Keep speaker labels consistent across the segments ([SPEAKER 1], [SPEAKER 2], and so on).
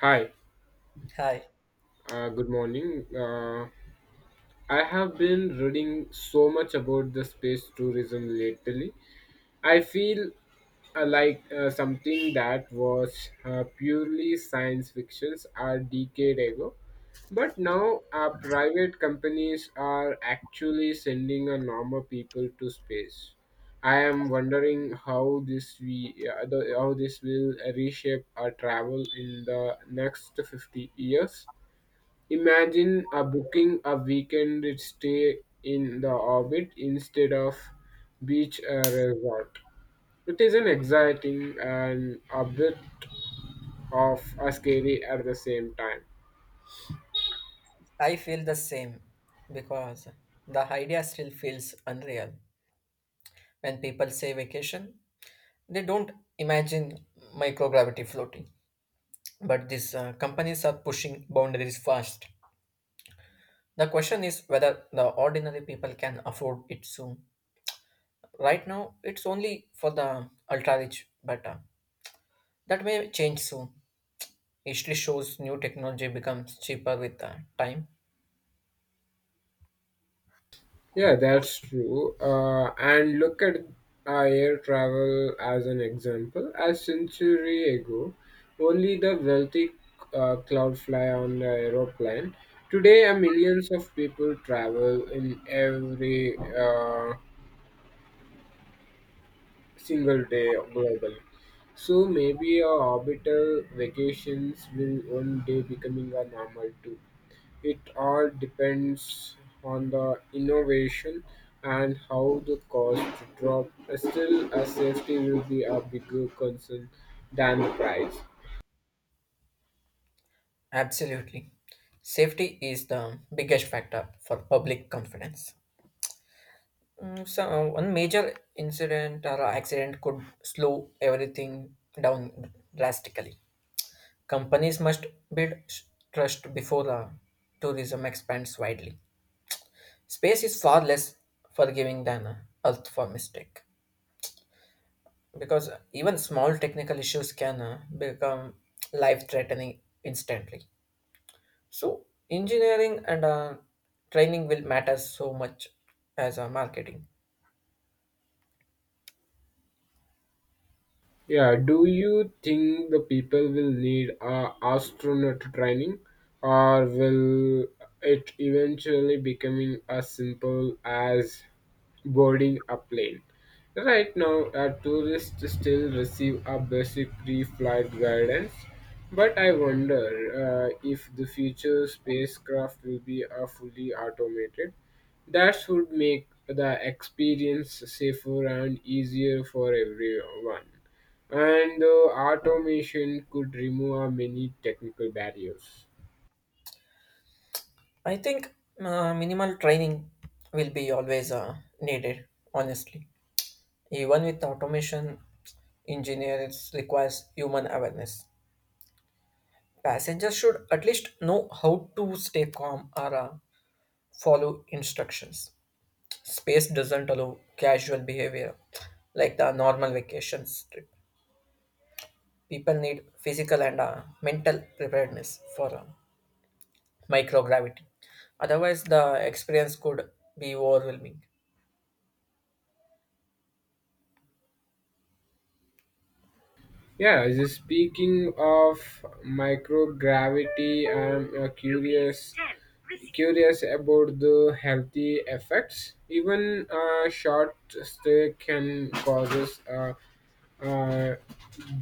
[SPEAKER 1] Hi,
[SPEAKER 2] Hi,
[SPEAKER 1] good morning. I have been reading so much about the space tourism lately. I feel like something that was purely science fictions a decade ago, but now private companies are actually sending a normal people to space. I am wondering how this we how this will reshape our travel in the next 50 years. Imagine a booking a weekend stay in the orbit instead of beach resort. It is an exciting and a bit of a scary at the same time.
[SPEAKER 2] I feel the same because the idea still feels unreal. When people say vacation, they don't imagine microgravity floating. But these companies are pushing boundaries fast. The question is whether the ordinary people can afford it soon. Right now, it's only for the ultra rich, but that may change soon. History shows new technology becomes cheaper with time.
[SPEAKER 1] Yeah, that's true. And look at air travel as an example. A century ago, only the wealthy cloud fly on the aeroplane. Today, millions of people travel in every single day globally. So maybe our orbital vacations will one day becoming a normal too. It all depends on the innovation and how the cost drop. Still, a safety will be a bigger concern than the price.
[SPEAKER 2] Absolutely. Safety is the biggest factor for public confidence. So, one major incident or accident could slow everything down drastically. Companies must build trust before tourism expands widely. Space is far less forgiving than Earth for mistake because even small technical issues can become life threatening instantly. So engineering and training will matter so much as marketing.
[SPEAKER 1] Yeah, do you think the people will need astronaut training or will it eventually becoming as simple as boarding a plane? Right now, tourists still receive a basic pre-flight guidance, but I wonder if the future spacecraft will be fully automated. That would make the experience safer and easier for everyone, and automation could remove many technical barriers.
[SPEAKER 2] I think minimal training will be always needed. Honestly, even with automation, engineers requires human awareness. Passengers should at least know how to stay calm or follow instructions. Space doesn't allow casual behavior like the normal vacations trip. People need physical and mental preparedness for microgravity. Otherwise, the experience could be overwhelming.
[SPEAKER 1] Yeah, just speaking of microgravity, I'm curious about the healthy effects. Even a short stay can cause uh,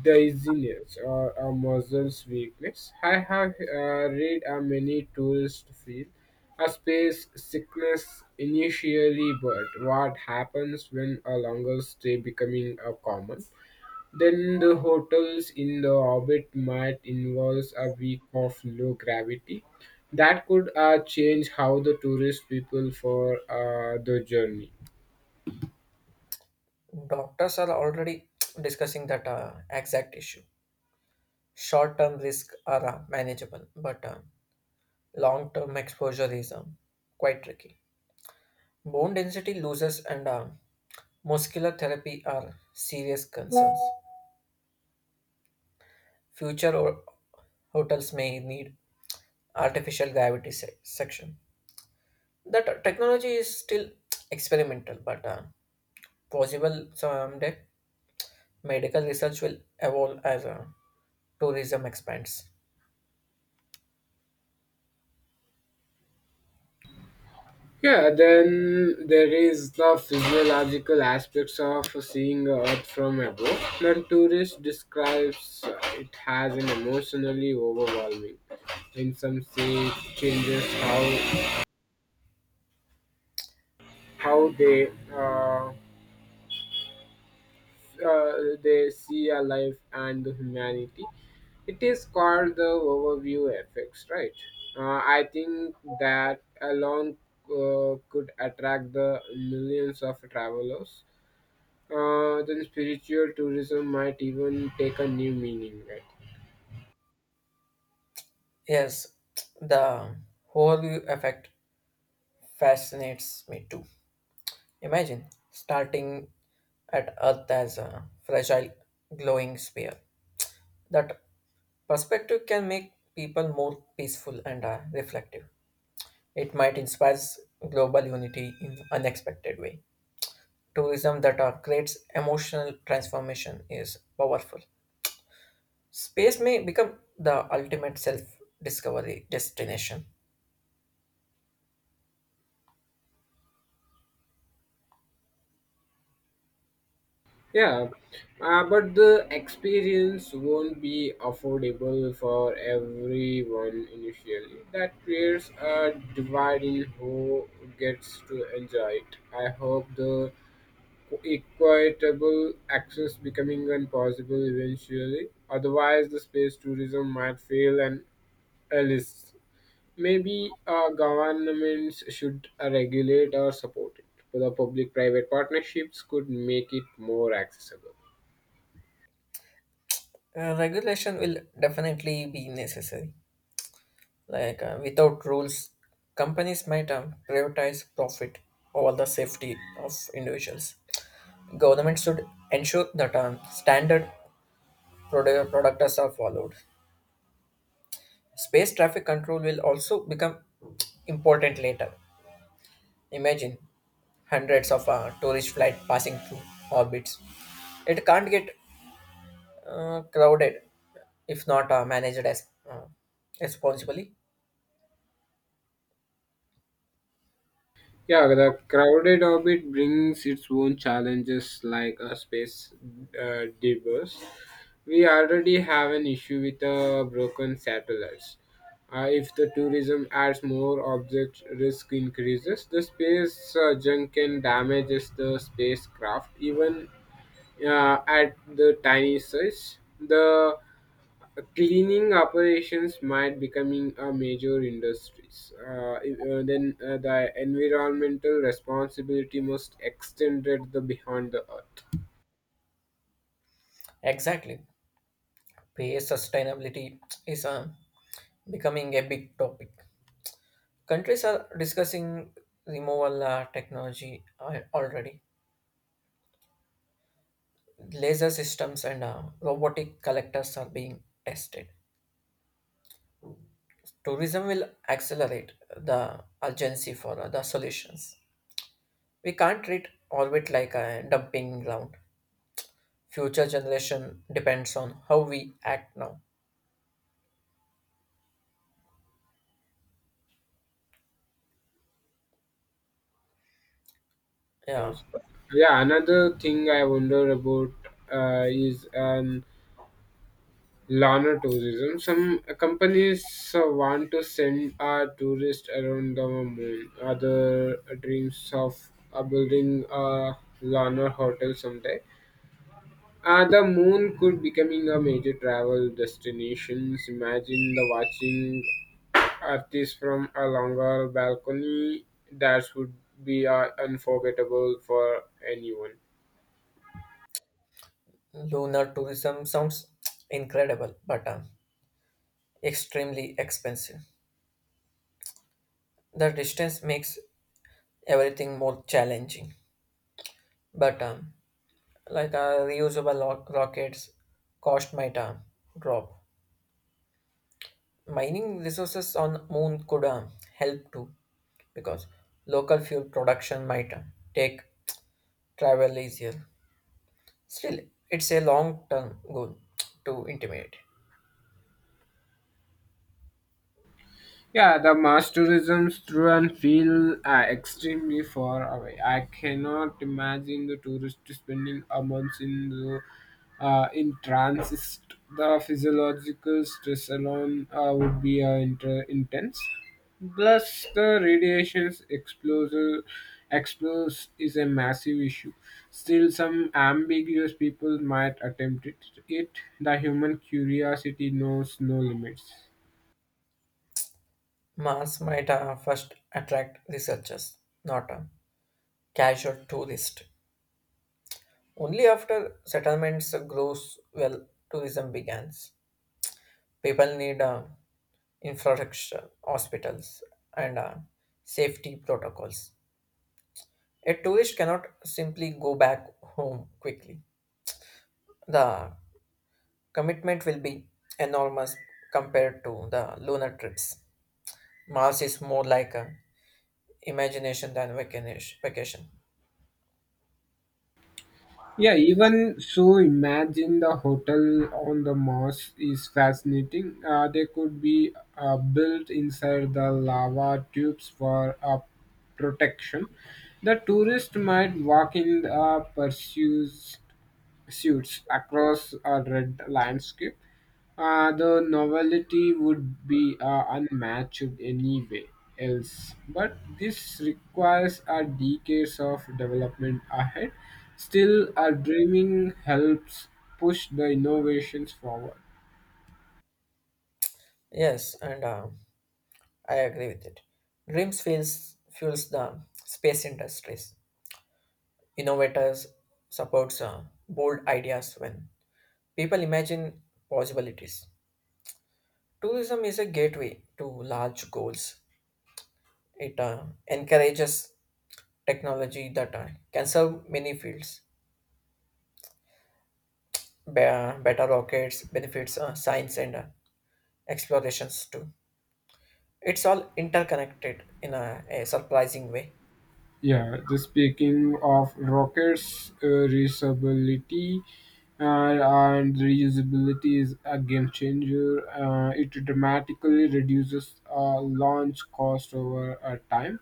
[SPEAKER 1] dizziness or a muscles weakness. I have read many tourists feel a space sickness initially, but what happens when a longer stay becoming a common? Then the hotels in the orbit might involve a week of low gravity. That could change how the tourist people for the journey.
[SPEAKER 2] Doctors are already discussing that exact issue. Short term risks are manageable, but long term exposure is quite tricky. Bone density losses and muscular therapy are serious concerns. Future hotels may need artificial gravity section. That technology is still experimental, but possible someday. Medical research will evolve as tourism expands.
[SPEAKER 1] Yeah, then there is the physiological aspects of seeing Earth from above. The tourist describes it as an emotionally overwhelming. In some scenes, changes how how they uh, they see a life and the humanity. It is called the overview effects, right? I think that alone could attract the millions of travelers. Then spiritual tourism might even take a new meaning, right?
[SPEAKER 2] Yes, the Horyu effect fascinates me too. Imagine starting at Earth as a fragile, glowing sphere. That perspective can make people more peaceful and reflective. It might inspire global unity in unexpected way. Tourism that creates emotional transformation is powerful. Space may become the ultimate self discovery destination.
[SPEAKER 1] Yeah, but the experience won't be affordable for everyone initially. That creates a divide in who gets to enjoy it. I hope the equitable access becoming impossible eventually. Otherwise, the space tourism might fail and else. Maybe governments should regulate or support it. The public-private partnerships could make it more accessible.
[SPEAKER 2] Regulation will definitely be necessary. Like, without rules, companies might prioritize profit over the safety of individuals. Governments should ensure that standard product products are followed. Space traffic control will also become important later. Imagine hundreds of tourist flights passing through orbits. It can't get crowded if not managed as uh, responsibly.
[SPEAKER 1] Yeah, the crowded orbit brings its own challenges like a space debris. We already have an issue with broken satellites. If the tourism adds more objects, risk increases, the space junk can damages the spacecraft even at the tiny size. The cleaning operations might becoming a major industries. Then the environmental responsibility must extended the behind the earth.
[SPEAKER 2] Exactly, pay sustainability is becoming a big topic. Countries are discussing removal technology already. Laser systems and robotic collectors are being tested. Tourism will accelerate the urgency for the solutions. We can't treat orbit like a dumping ground. Future generation depends on how we act now. Yeah.
[SPEAKER 1] Yes. Yeah, another thing I wonder about is lunar tourism. Some companies want to send our tourists around the moon. Other dreams of building a lunar hotel someday. The moon could becoming a major travel destination. Imagine the watching artists from a longer balcony. That would be unforgettable for anyone.
[SPEAKER 2] Lunar tourism sounds incredible, but extremely expensive. The distance makes everything more challenging. But like reusable rockets, cost might drop. Mining resources on Moon could help too, because local fuel production might take travel easier. Still, it's a long-term goal to intimidate.
[SPEAKER 1] Yeah, the mass tourism through and feel extremely far away. I cannot imagine the tourist spending a month in the in transit. The physiological stress alone would be intense. Plus, the radiation's exposure explores is a massive issue. Still, some ambiguous people might attempt it. it the human curiosity knows no limits.
[SPEAKER 2] Mars might first attract researchers, not casual tourist. Only after settlements grows well tourism begins. People need infrastructure, hospitals, and safety protocols. A tourist cannot simply go back home quickly. The commitment will be enormous compared to the lunar trips. Mars is more like a imagination than vacation.
[SPEAKER 1] Yeah, even so, imagine the hotel on the Mars is fascinating. They could be built inside the lava tubes for protection. The tourist might walk in pursuits suits across a red landscape. The novelty would be unmatched anyway else, but this requires a decades of development ahead. Still, our dreaming helps push the innovations forward.
[SPEAKER 2] Yes, and I agree with it. Dreams fuels the space industries. Innovators supports bold ideas when people imagine possibilities. Tourism is a gateway to large goals. It encourages technology that can serve many fields. Better rockets benefits science and explorations too. It's all interconnected in a surprising way.
[SPEAKER 1] Yeah, the speaking of rockets, uh, reusability is a game changer. It dramatically reduces launch cost over time.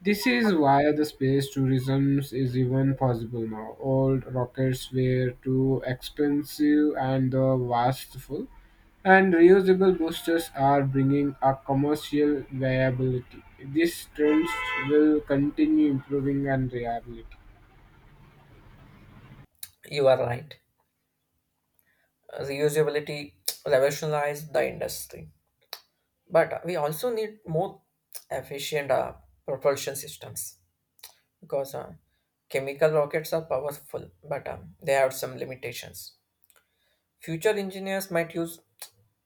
[SPEAKER 1] This is why the space tourism is even possible now. Old rockets were too expensive and the wasteful, and reusable boosters are bringing a commercial viability. These trends will continue improving and reliability.
[SPEAKER 2] You are right. Reusability revolutionized the industry. But we also need more efficient propulsion systems because chemical rockets are powerful, but they have some limitations. Future engineers might use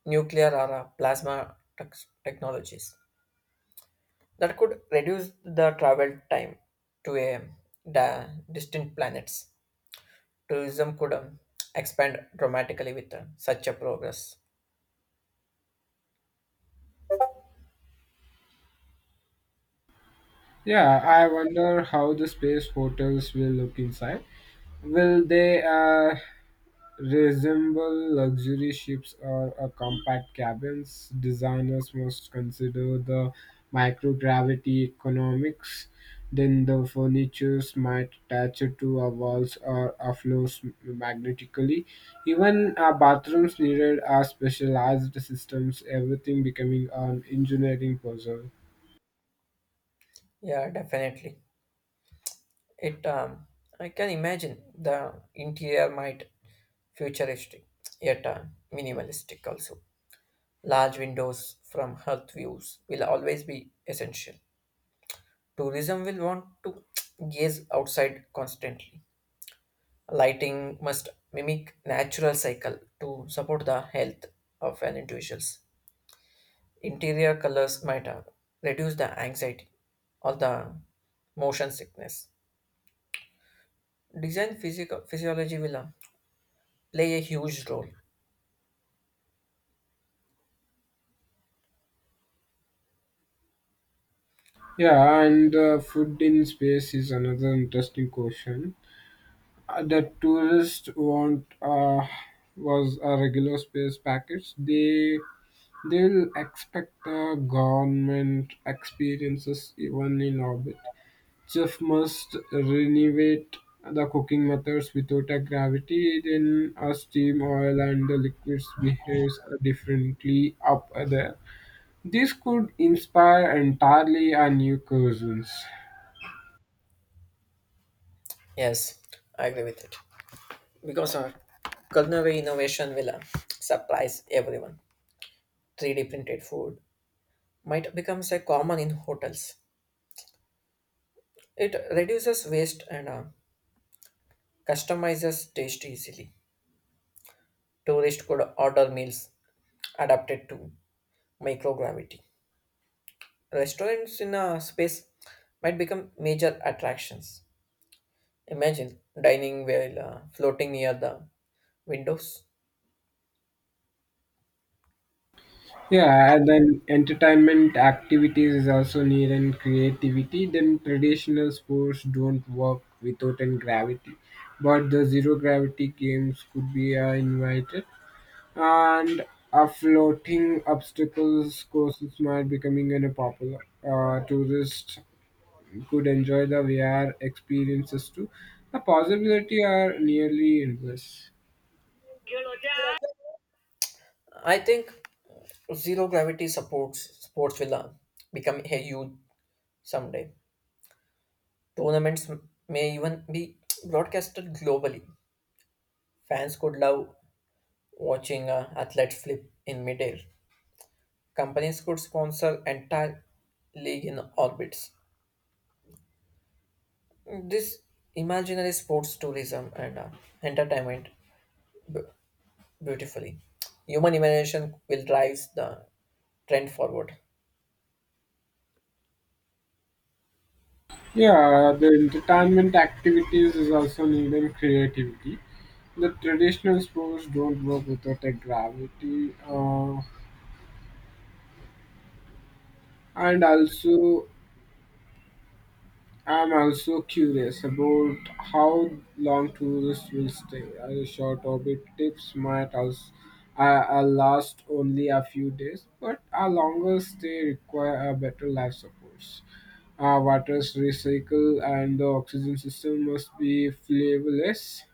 [SPEAKER 2] nuclear or plasma technologies that could reduce the travel time to a distant planets. Tourism could expand dramatically with such a progress.
[SPEAKER 1] Yeah, I wonder how the space hotels will look inside. Will they resemble luxury ships or a compact cabins? Designers must consider the microgravity economics. Then the furnitures might attach to a walls or a floors magnetically. Even our bathrooms needed our specialized systems, everything becoming an engineering puzzle.
[SPEAKER 2] Yeah, definitely. It I can imagine the interior might futuristic, yet minimalistic also. Large windows from earth views will always be essential. Tourism will want to gaze outside constantly. Lighting must mimic natural cycle to support the health of an individuals. Interior colors might reduce the anxiety or the motion sickness. Design physical physiology will play a huge role.
[SPEAKER 1] Yeah, and food in space is another interesting question. The tourists want was a regular space package. They'll expect the government experiences even in orbit. Chef must renovate the cooking methods without a gravity. Then a steam oil and the liquids behaves differently up there. This could inspire entirely a new cuisines.
[SPEAKER 2] Yes, I agree with it. Because our culinary innovation will surprise everyone. 3D printed food might become a common in hotels. It reduces waste and customizes taste easily. Tourists could order meals adapted to microgravity. Restaurants in a space might become major attractions. Imagine dining while floating near the windows.
[SPEAKER 1] Yeah, and then entertainment activities is also need and creativity. Then traditional sports don't work without and gravity, but the zero gravity games could be invited, and a floating obstacles courses might becoming an a popular. Tourists could enjoy the VR experiences too. The possibility are nearly endless.
[SPEAKER 2] I think zero gravity supports sports will become a huge someday. Tournaments may even be broadcasted globally. Fans could love watching athletes flip in midair. Companies could sponsor entire league in orbits. This imaginary sports tourism and entertainment beautifully. Human imagination will drive the trend forward.
[SPEAKER 1] Yeah, the entertainment activities is also needing creativity. The traditional sports don't work without a gravity. And also, I'm also curious about how long tourists will stay. A short orbit trips might also last only a few days, but a longer stay require a better life supports. Our water's recycle and the oxygen system must be flavorless.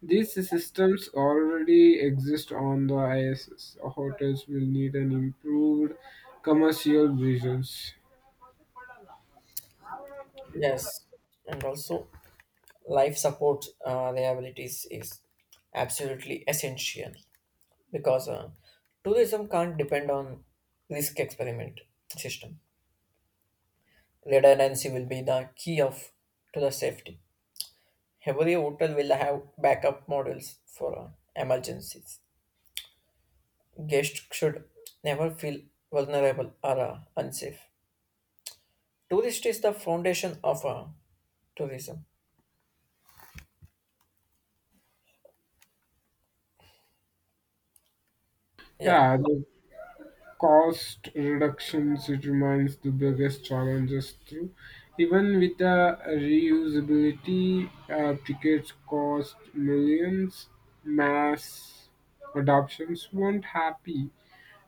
[SPEAKER 1] These systems already exist on the ISS. Hotels will need an improved commercial visions.
[SPEAKER 2] Yes, and also life support liabilities is absolutely essential because tourism can't depend on risk experiment system. Redundancy will be the key of to the safety. Every hotel will have backup models for emergencies. Guests should never feel vulnerable or unsafe. Tourist is the foundation of tourism. Yeah,
[SPEAKER 1] Yeah, the cost reductions it remains the biggest challenges too. Even with the reusability, tickets cost millions. Mass adoptions weren't happy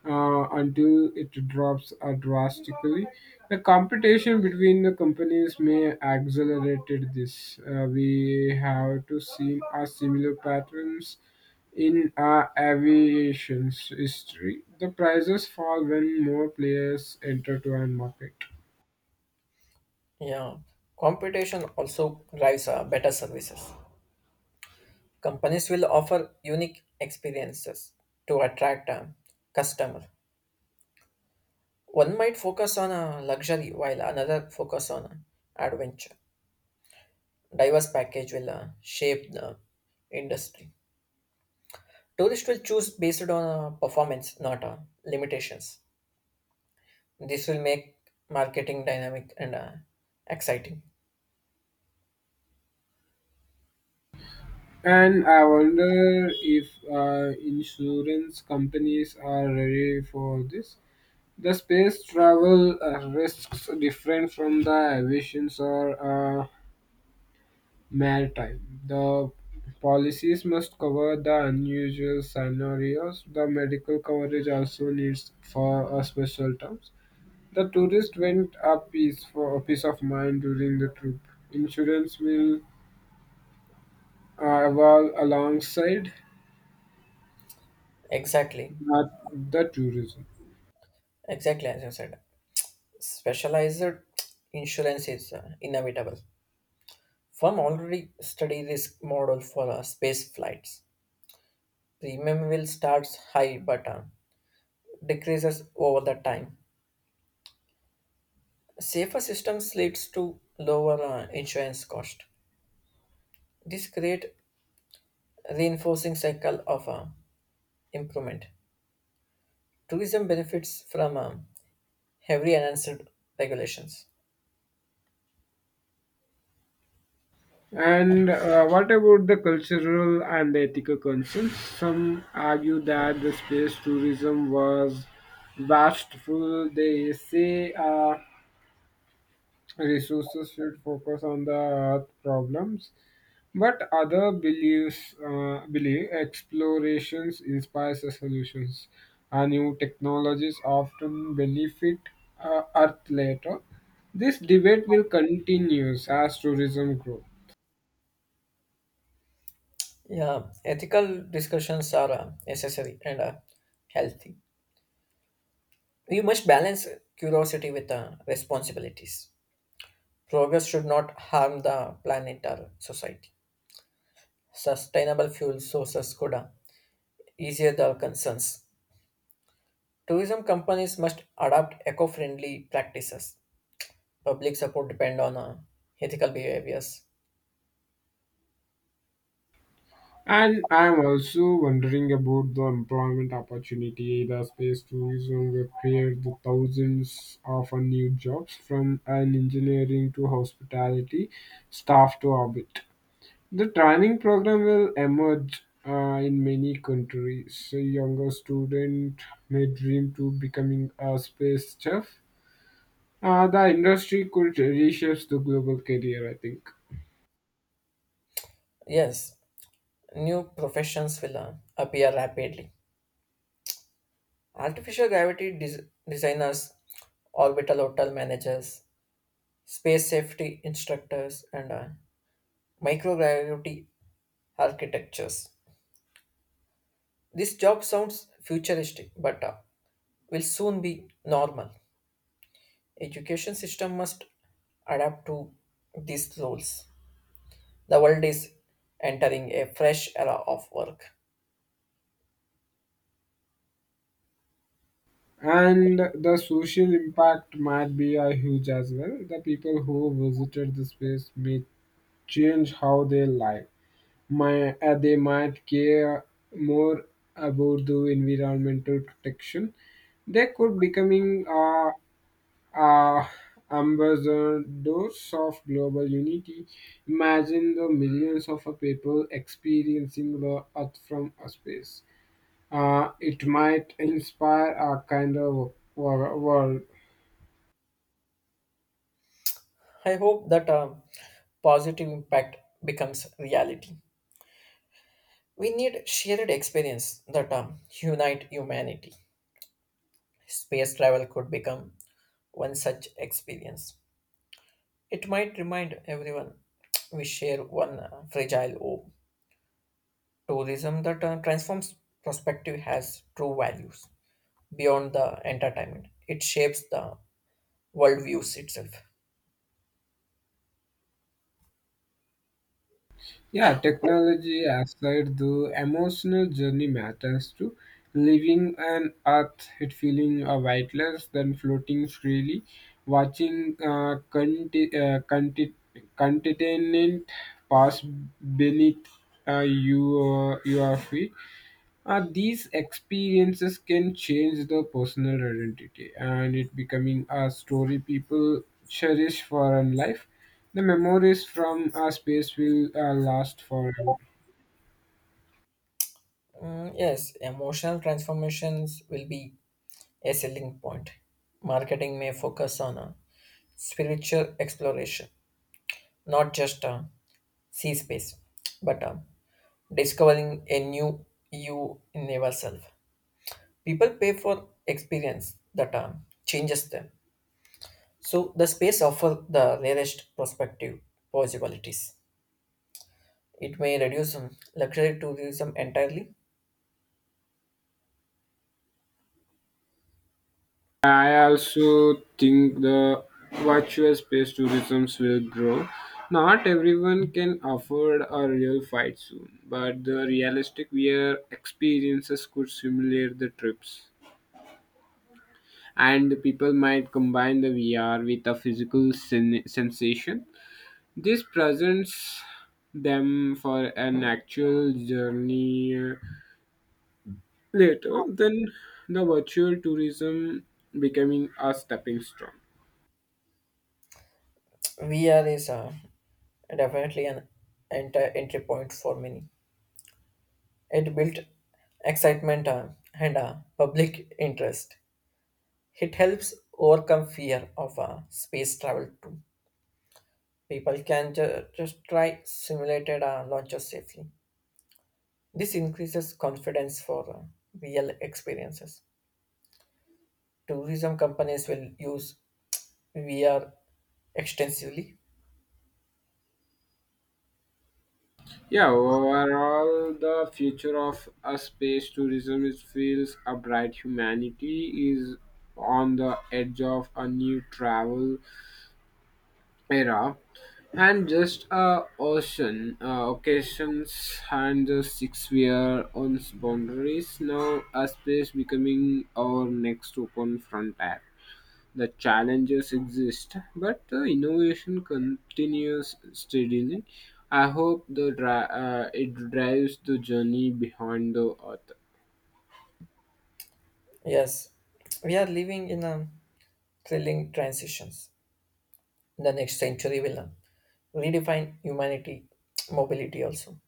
[SPEAKER 1] until it drops drastically. The competition between the companies may accelerated this. We have to see a similar patterns in our aviation's history. The prices fall when more players enter to a market.
[SPEAKER 2] yeah. Competition also drives better services. Companies will offer unique experiences to attract a customer. One might focus on a luxury while another focus on a adventure. Diverse package will shape the industry. Tourists will choose based on performance, not limitations. This will make marketing dynamic and exciting.
[SPEAKER 1] And I wonder if insurance companies are ready for this. The space travel risks different from the aviations or maritime. The policies must cover the unusual scenarios. The medical coverage also needs for special terms. The tourist went a piece for a peace of mind during the trip. Insurance will evolve alongside
[SPEAKER 2] Exactly,
[SPEAKER 1] uh, the tourism.
[SPEAKER 2] exactly, as you said. Specialized insurance is inevitable. Firm already study risk model for space flights. Premium will starts high but decreases over the time. Safer systems leads to lower insurance cost. This create reinforcing cycle of improvement. Tourism benefits from heavily enhanced regulations.
[SPEAKER 1] And what about the cultural and the ethical concerns? Some argue that the space tourism was wasteful. They say resources should focus on the earth problems, but other believe explorations inspires the solutions. And new technologies often benefit Earth later. This debate will continue as tourism grows.
[SPEAKER 2] Yeah, ethical discussions are necessary and healthy. We must balance curiosity with responsibilities. Progress should not harm the planet or society. Sustainable fuel sources could easier the concerns. Tourism companies must adopt eco-friendly practices. Public support depend on ethical behaviors.
[SPEAKER 1] And I'm also wondering about the employment opportunity the space tourism will create the thousands of new jobs from an engineering to hospitality staff to orbit. The training program will emerge in many countries. A younger student may dream to becoming a space chef. The industry could reshape the global career, I think.
[SPEAKER 2] Yes, new professions will appear rapidly. Artificial gravity designers, orbital hotel managers, space safety instructors, and microgravity architectures. This job sounds futuristic, but will soon be normal. Education system must adapt to these roles. The world is entering a fresh era of work.
[SPEAKER 1] And the social impact might be a huge as well. The people who visited the space may change how they live. They might care more about the environmental protection. They could becoming uh, ambassadors of global unity. Imagine the millions of people experiencing the Earth from a space. It might inspire a kind of world.
[SPEAKER 2] I hope that positive impact becomes reality. We need shared experience that unite humanity. Space travel could become one such experience. It might remind everyone we share one fragile hope. Tourism that transforms perspective has true values beyond the entertainment. It shapes the worldviews itself.
[SPEAKER 1] Yeah, technology aside, the emotional journey matters too. Living on earth, it feeling weightless, then floating freely, watching continent pass beneath your feet, these experiences can change the personal identity and it becoming a story people cherish for a life. The memories from our space will last forever.
[SPEAKER 2] Mm, yes, emotional transformations will be a selling point. Marketing may focus on a spiritual exploration, not just a sea space, but discovering a new you in yourself. People pay for experience that changes them. So the space offers the rarest prospective possibilities. It may reduce luxury tourism entirely.
[SPEAKER 1] I also think the virtual space tourisms will grow. Not everyone can afford a real flight soon, but the realistic VR experiences could simulate the trips, and people might combine the VR with a physical sensation. This presents them for an actual journey later, then the virtual tourism becoming a stepping stone.
[SPEAKER 2] VR is definitely an entry point for many. It built excitement and public interest. It helps overcome fear of space travel too. People can just try simulated launches safely. This increases confidence for real experiences. Tourism companies will use we are extensively.
[SPEAKER 1] Yeah, overall, the future of a space tourism is feels a bright humanity is on the edge of a new travel era and just a ocean occasions and the 6 year on its boundaries now a space becoming our next open frontier the challenges exist but the innovation continues steadily. I hope the it drives the journey behind the earth.
[SPEAKER 2] Yes, we are living in a thrilling transitions. The next century will redefine humanity mobility also.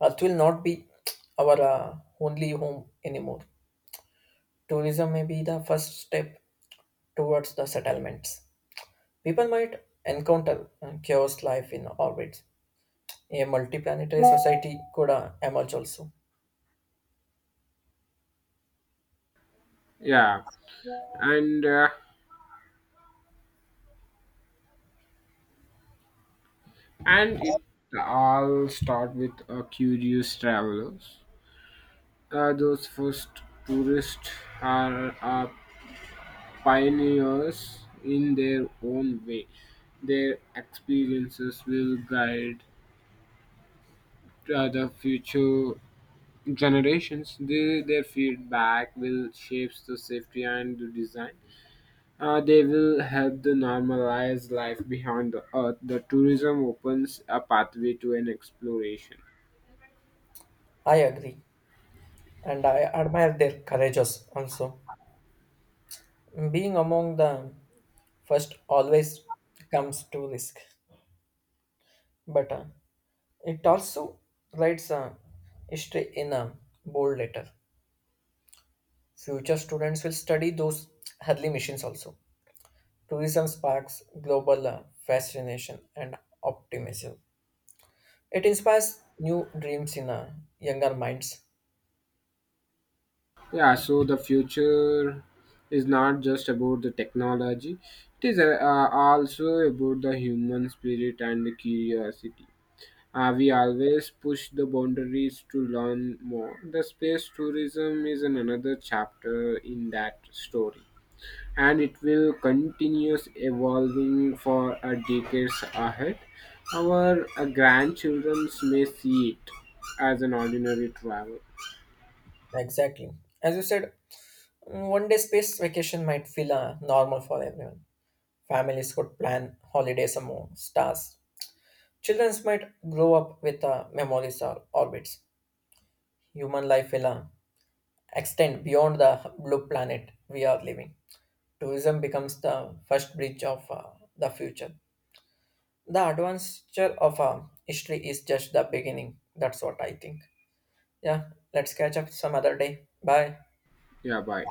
[SPEAKER 2] Earth will not be our only home anymore. Tourism may be the first step towards the settlements. People might encounter chaos life in orbit. A multiplanetary society could emerge also.
[SPEAKER 1] Yeah, and it all start with a curious travelers. Those first tourists are pioneers in their own way. Their experiences will guide the future generations. Their feedback will shape the safety and the design. They will help to normalize life behind the earth. The tourism opens a pathway to an exploration.
[SPEAKER 2] I agree, and I admire their courage also. Being among the first always comes to risk, but it also writes a history in a bold letter. Future students will study those early missions also. Tourism sparks global fascination and optimism. It inspires new dreams in younger minds.
[SPEAKER 1] Yeah, so the future is not just about the technology, it is also about the human spirit and the curiosity. We always push the boundaries to learn more. The space tourism is an another chapter in that story, and it will continue evolving for decades ahead. Our grandchildren may see it as an ordinary travel.
[SPEAKER 2] Exactly. As you said, mm, one day space vacation might feel normal for everyone. Families could plan holidays among stars. Children might grow up with memories or orbits. Human life will extend beyond the blue planet we are living. Tourism becomes the first bridge of the future. The adventure of history is just the beginning. That's what I think. Yeah, let's catch up some other day. Bye.
[SPEAKER 1] Yeah, bye.